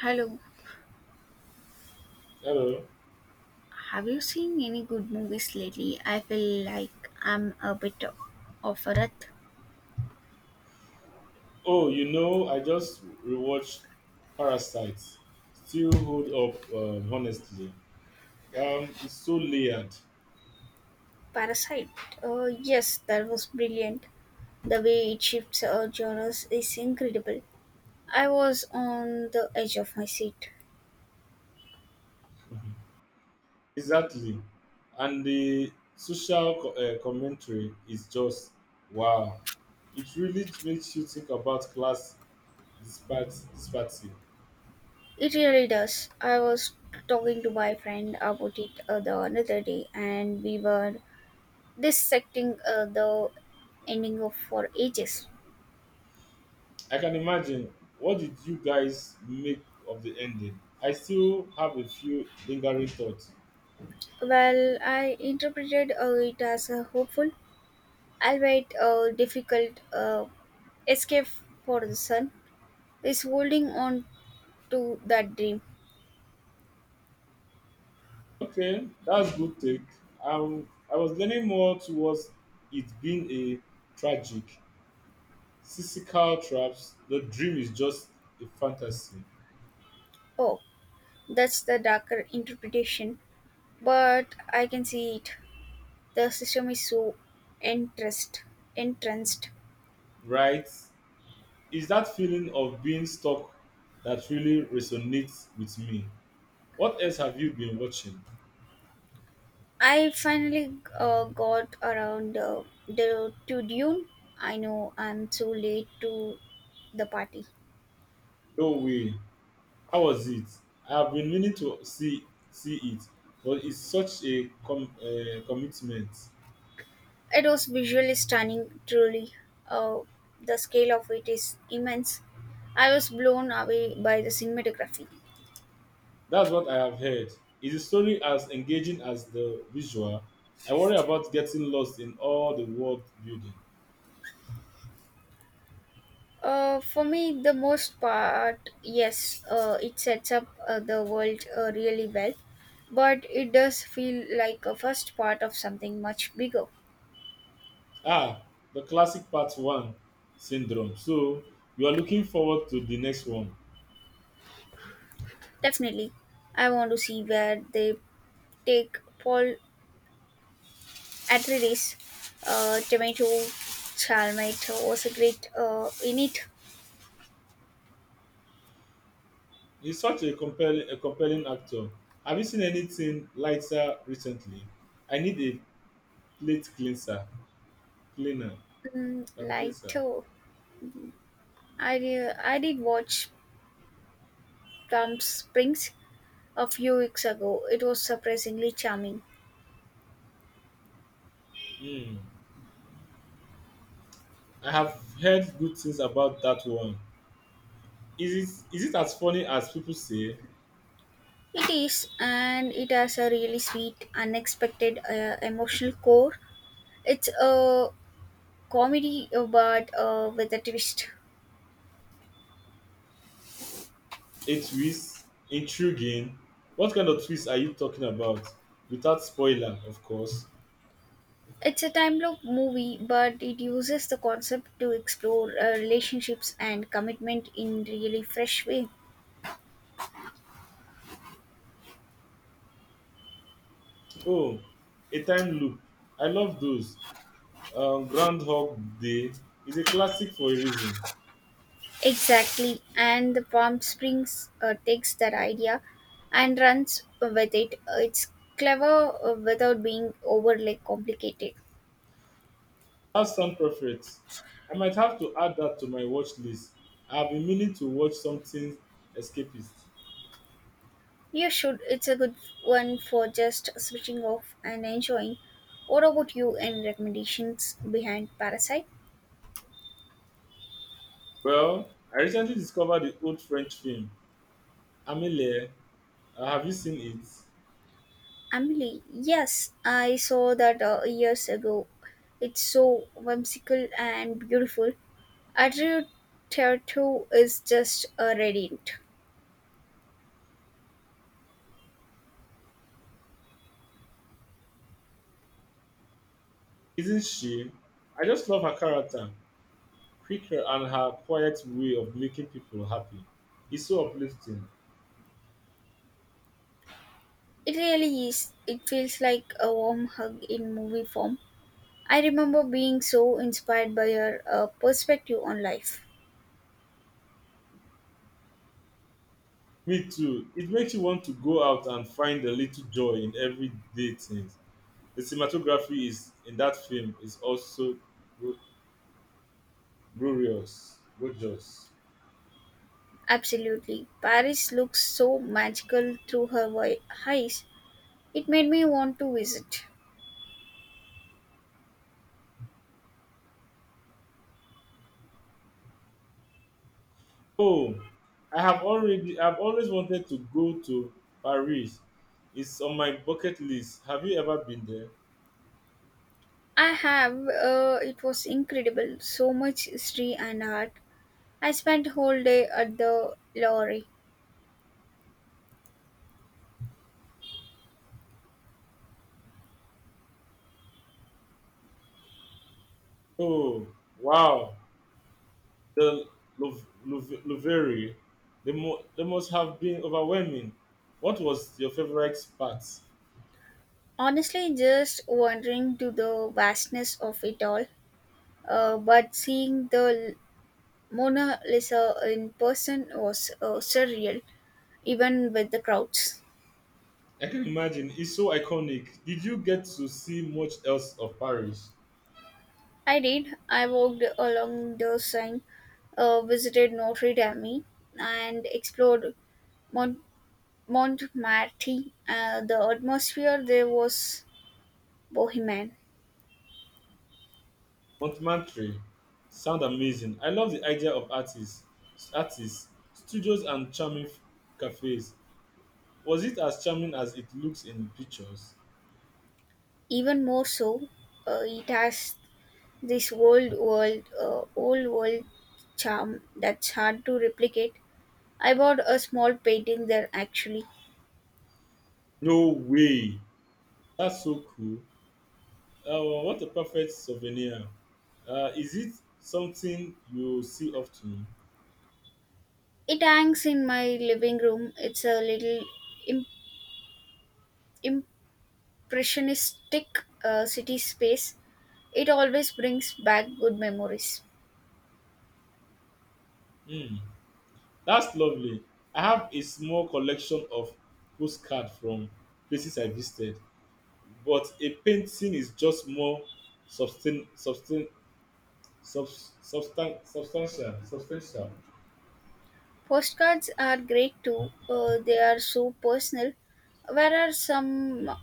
Hello. Hello. Have you seen any good movies lately? I feel like I'm a bit of a rut. Oh, you know, I just rewatched Parasites. Still hold up, honestly. It's so layered. Parasite. Yes, that was brilliant. The way it shifts genres is incredible. I was on the edge of my seat. Exactly. And the social commentary is just wow. It really makes you think about class disparity. It really does. I was talking to my friend about it the another day, and we were dissecting the ending of for ages. I can imagine. What did you guys make of the ending? I still have a few lingering thoughts. Well, I interpreted it as hopeful, albeit a difficult escape for the son, is holding on to that dream. Okay, that's good take. I was leaning more towards it being a tragic, cynical traps. The dream is just a fantasy, Oh, that's the darker interpretation, but I can see it. The system is so entranced. entranced. right? It's that feeling of being stuck that really resonates with me. What else have you been watching? I finally got around to Dune. I know I'm too late to the party. No way. How was it? I have been meaning to see it, but it's such a commitment. It was visually stunning, truly. Uh, the scale of it is immense. I was blown away by the cinematography. That's what I have heard. Is the story as engaging as the visual? I worry about getting lost in all the world building. For me, the most part, yes, it sets up the world really well, but it does feel like a first part of something much bigger. Ah, the classic part one syndrome. So you are looking forward to the next one. Definitely, I want to see where they take Paul Atreides. Tomato Chalmite was a great in it. He's such a compelling actor. Have you seen anything lighter recently? I need a plate cleanser, cleaner, a cleanser. Lighter. I did watch Plum Springs a few weeks ago. It was surprisingly charming. Hmm. I have heard good things about that one. Is it as funny as people say? It is, and it has a really sweet, unexpected emotional core. It's a comedy, but with a twist. A twist? Intriguing? What kind of twist are you talking about? Without spoiler, of course. It's a time loop movie, but it uses the concept to explore relationships and commitment in really fresh way. Oh, a time loop. I love those. Groundhog Day is a classic for a reason. Exactly, and the Palm Springs takes that idea and runs with it. It's clever without being overly complicated. That sound perfect. I might have to add that to my watch list. I have been meaning to watch something escapist. You should. It's a good one for just switching off and enjoying. What about you? Any recommendations behind Parasite? Well, I recently discovered the old French film Amelie. Have you seen it? Emily, yes, I saw that years ago. It's so whimsical and beautiful. Adrio Tertu is just a radiant. Isn't she? I just love her character, quicker and her quiet way of making people happy. It's so uplifting. It really is. It feels like a warm hug in movie form. I remember being so inspired by her perspective on life. Me too. It makes you want to go out and find a little joy in everyday things. The cinematography is in that film is also glo- glorious, gorgeous. Absolutely. Paris looks so magical through her eyes. It made me want to visit. Oh, I have already. I've always wanted to go to Paris. It's on my bucket list. Have you ever been there? I have. It was incredible. So much history and art. I spent whole day at the lorry. Oh, wow, the Lovere, they must have been overwhelming. What was your favorite part? Honestly, just wandering to the vastness of it all. But seeing the Mona Lisa in person was surreal, even with the crowds. I can imagine. It's so iconic. Did you get to see much else of Paris? I did. I walked along the Seine, visited Notre Dame, and explored Mont- Montmartre. The atmosphere there was bohemian. Montmartre. Sound amazing. I love the idea of artists, studios, and charming cafes. Was it as charming as it looks in pictures? Even more so, it has this old world charm that's hard to replicate. I bought a small painting there actually. No way. That's so cool. Well, what a perfect souvenir. Is it something you see often? It hangs in my living room. It's a little im- impressionistic city space. It always brings back good memories. Hmm, that's lovely. I have a small collection of postcards from places I visited, but a painting is just more substan- substan- substantial. Substantial. Postcards are great too. They are so personal. Where are some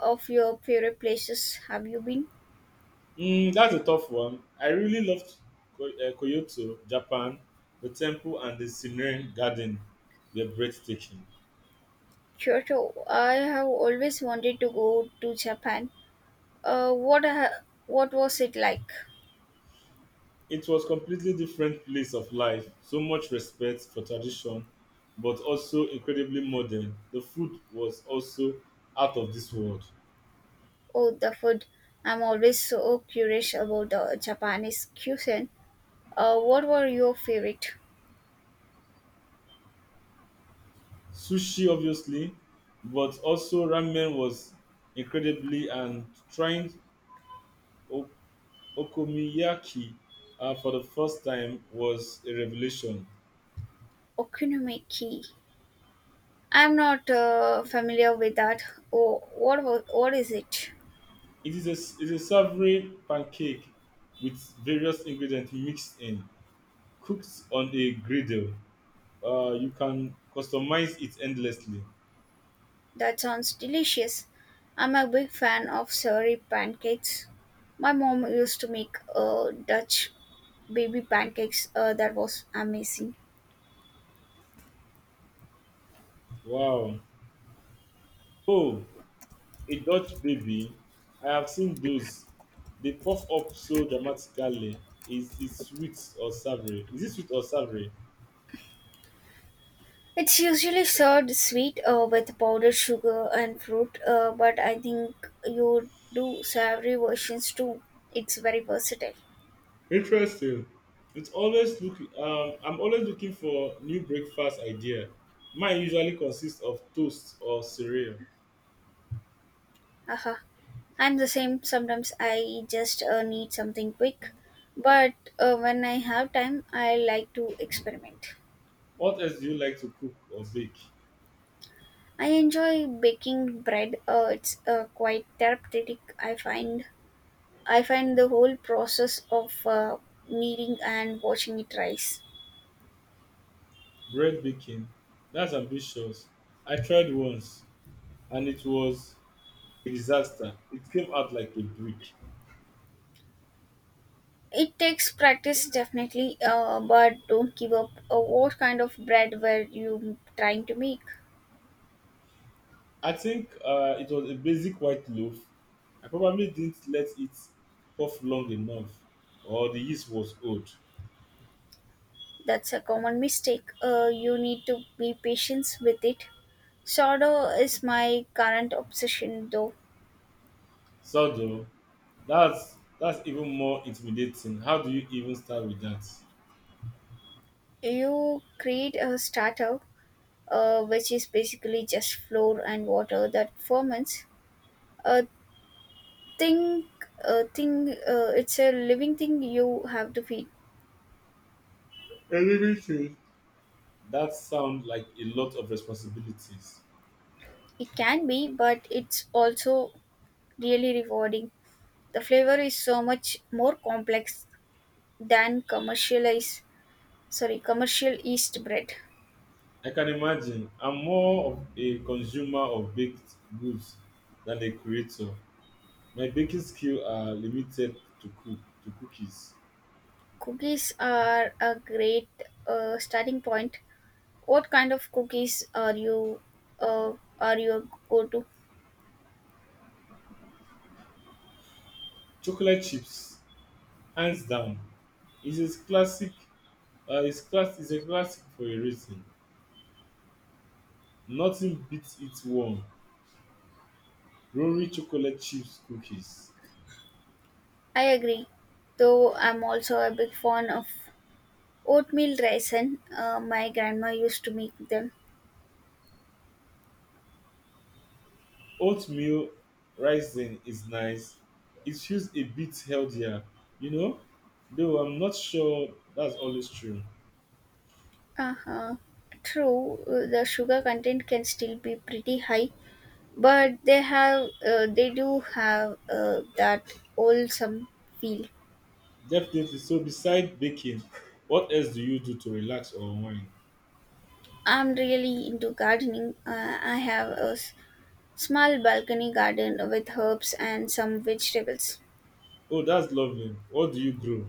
of your favorite places have you been? Hmm, that's a tough one. I really loved Kyoto, Japan. The temple and the Shinrin Garden were breathtaking. Kyoto. I have always wanted to go to Japan. What was it like? It was completely different place of life. So much respect for tradition, but also incredibly modern. The food was also out of this world. Oh, the food. I'm always so curious about the Japanese cuisine. What were your favorite Sushi, obviously, but also ramen was incredibly and trying o- okonomiyaki for the first time was a revelation. okonomiyaki? I'm not familiar with that. Oh, what is it? It is a savory pancake with various ingredients mixed in, cooked on a griddle. You can customize it endlessly. That sounds delicious. I'm a big fan of savory pancakes. My mom used to make Dutch baby pancakes. That was amazing. Wow. Oh, a Dutch baby. I have seen those. They puff up so dramatically. Is it sweet or savory? It's usually served sweet with powdered sugar and fruit, but I think you do savory versions too. It's very versatile. Interesting. It's always look. I'm always looking for new breakfast idea. Mine usually consists of toast or cereal. Aha. I'm the same. Sometimes I just need something quick, but when I have time, I like to experiment. What else do you like to cook or bake? I enjoy baking bread. It's quite therapeutic. I find the whole process of kneading and watching it rise. Bread baking. That's ambitious. I tried once, and it was disaster. It came out like a brick. It takes practice definitely, but don't give up. What kind of bread were you trying to make? I think it was a basic white loaf. I probably didn't let it puff long enough, or the yeast was old. That's a common mistake. You need to be patient with it. Sourdough is my current obsession though. So though, that's even more intimidating. How do you even start with that? You create a starter, which is basically just flour and water that ferments. A thing, a thing, it's a living thing you have to feed. Everything. That sounds like a lot of responsibilities. It can be, but it's also really rewarding. The flavor is so much more complex than commercial yeast bread. I can imagine. I'm more of a consumer of baked goods than a creator. My baking skills are limited to cook to cookies. Cookies are a great starting point. What kind of cookies are you uh, are your go-to? Chocolate chips, hands down, is a classic. Is a classic for a reason. Nothing beats it warm. Rory chocolate chips cookies. I agree, though I'm also a big fan of oatmeal raisin. My grandma used to make them. Oatmeal rising is nice. It feels a bit healthier, you know. Though I'm not sure that's always true. Uh-huh. True, the sugar content can still be pretty high, but they do have that wholesome feel. Definitely. So beside baking, what else do you do to relax or unwind? I'm really into gardening. I have a small balcony garden with herbs and some vegetables. Oh, that's lovely. What do you grow?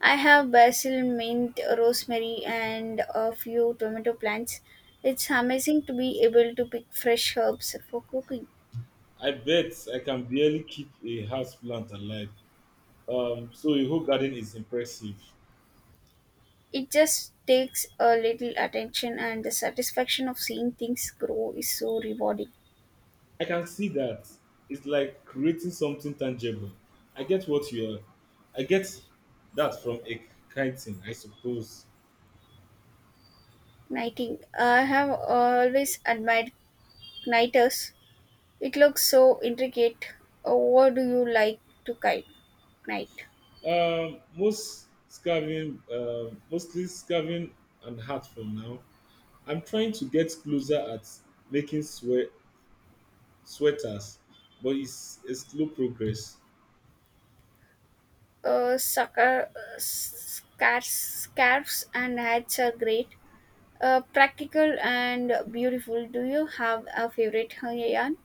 I have basil, mint, rosemary, and a few tomato plants. It's amazing to be able to pick fresh herbs for cooking. I bet I can barely keep a house plant alive. So your whole garden is impressive. It just takes a little attention, and the satisfaction of seeing things grow is so rewarding. I can see that. It's like creating something tangible. I get what you are. I get that from a kiting, I suppose. Knighting. I have always admired kniters. It looks so intricate. What do you like to kite? Knight? Mostly scarving and hat for now. I'm trying to get closer at making sweaters, but it's a slow progress. Scarves and hats are great. Practical and beautiful. Do you have a favorite hanger yarn?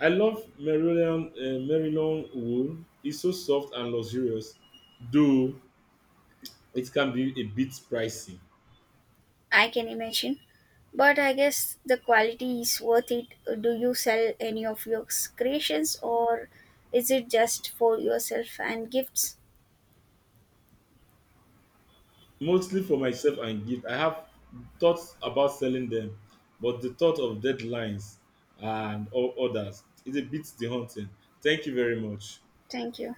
I love Maryland wool. It's so soft and luxurious, though it can be a bit pricey, I can imagine. But I guess the quality is worth it. Do you sell any of your creations or is it just for yourself and gifts? mostly for myself and gift. I have thoughts about selling them, but the thought of deadlines and all others is a bit daunting. Thank you very much. Thank you.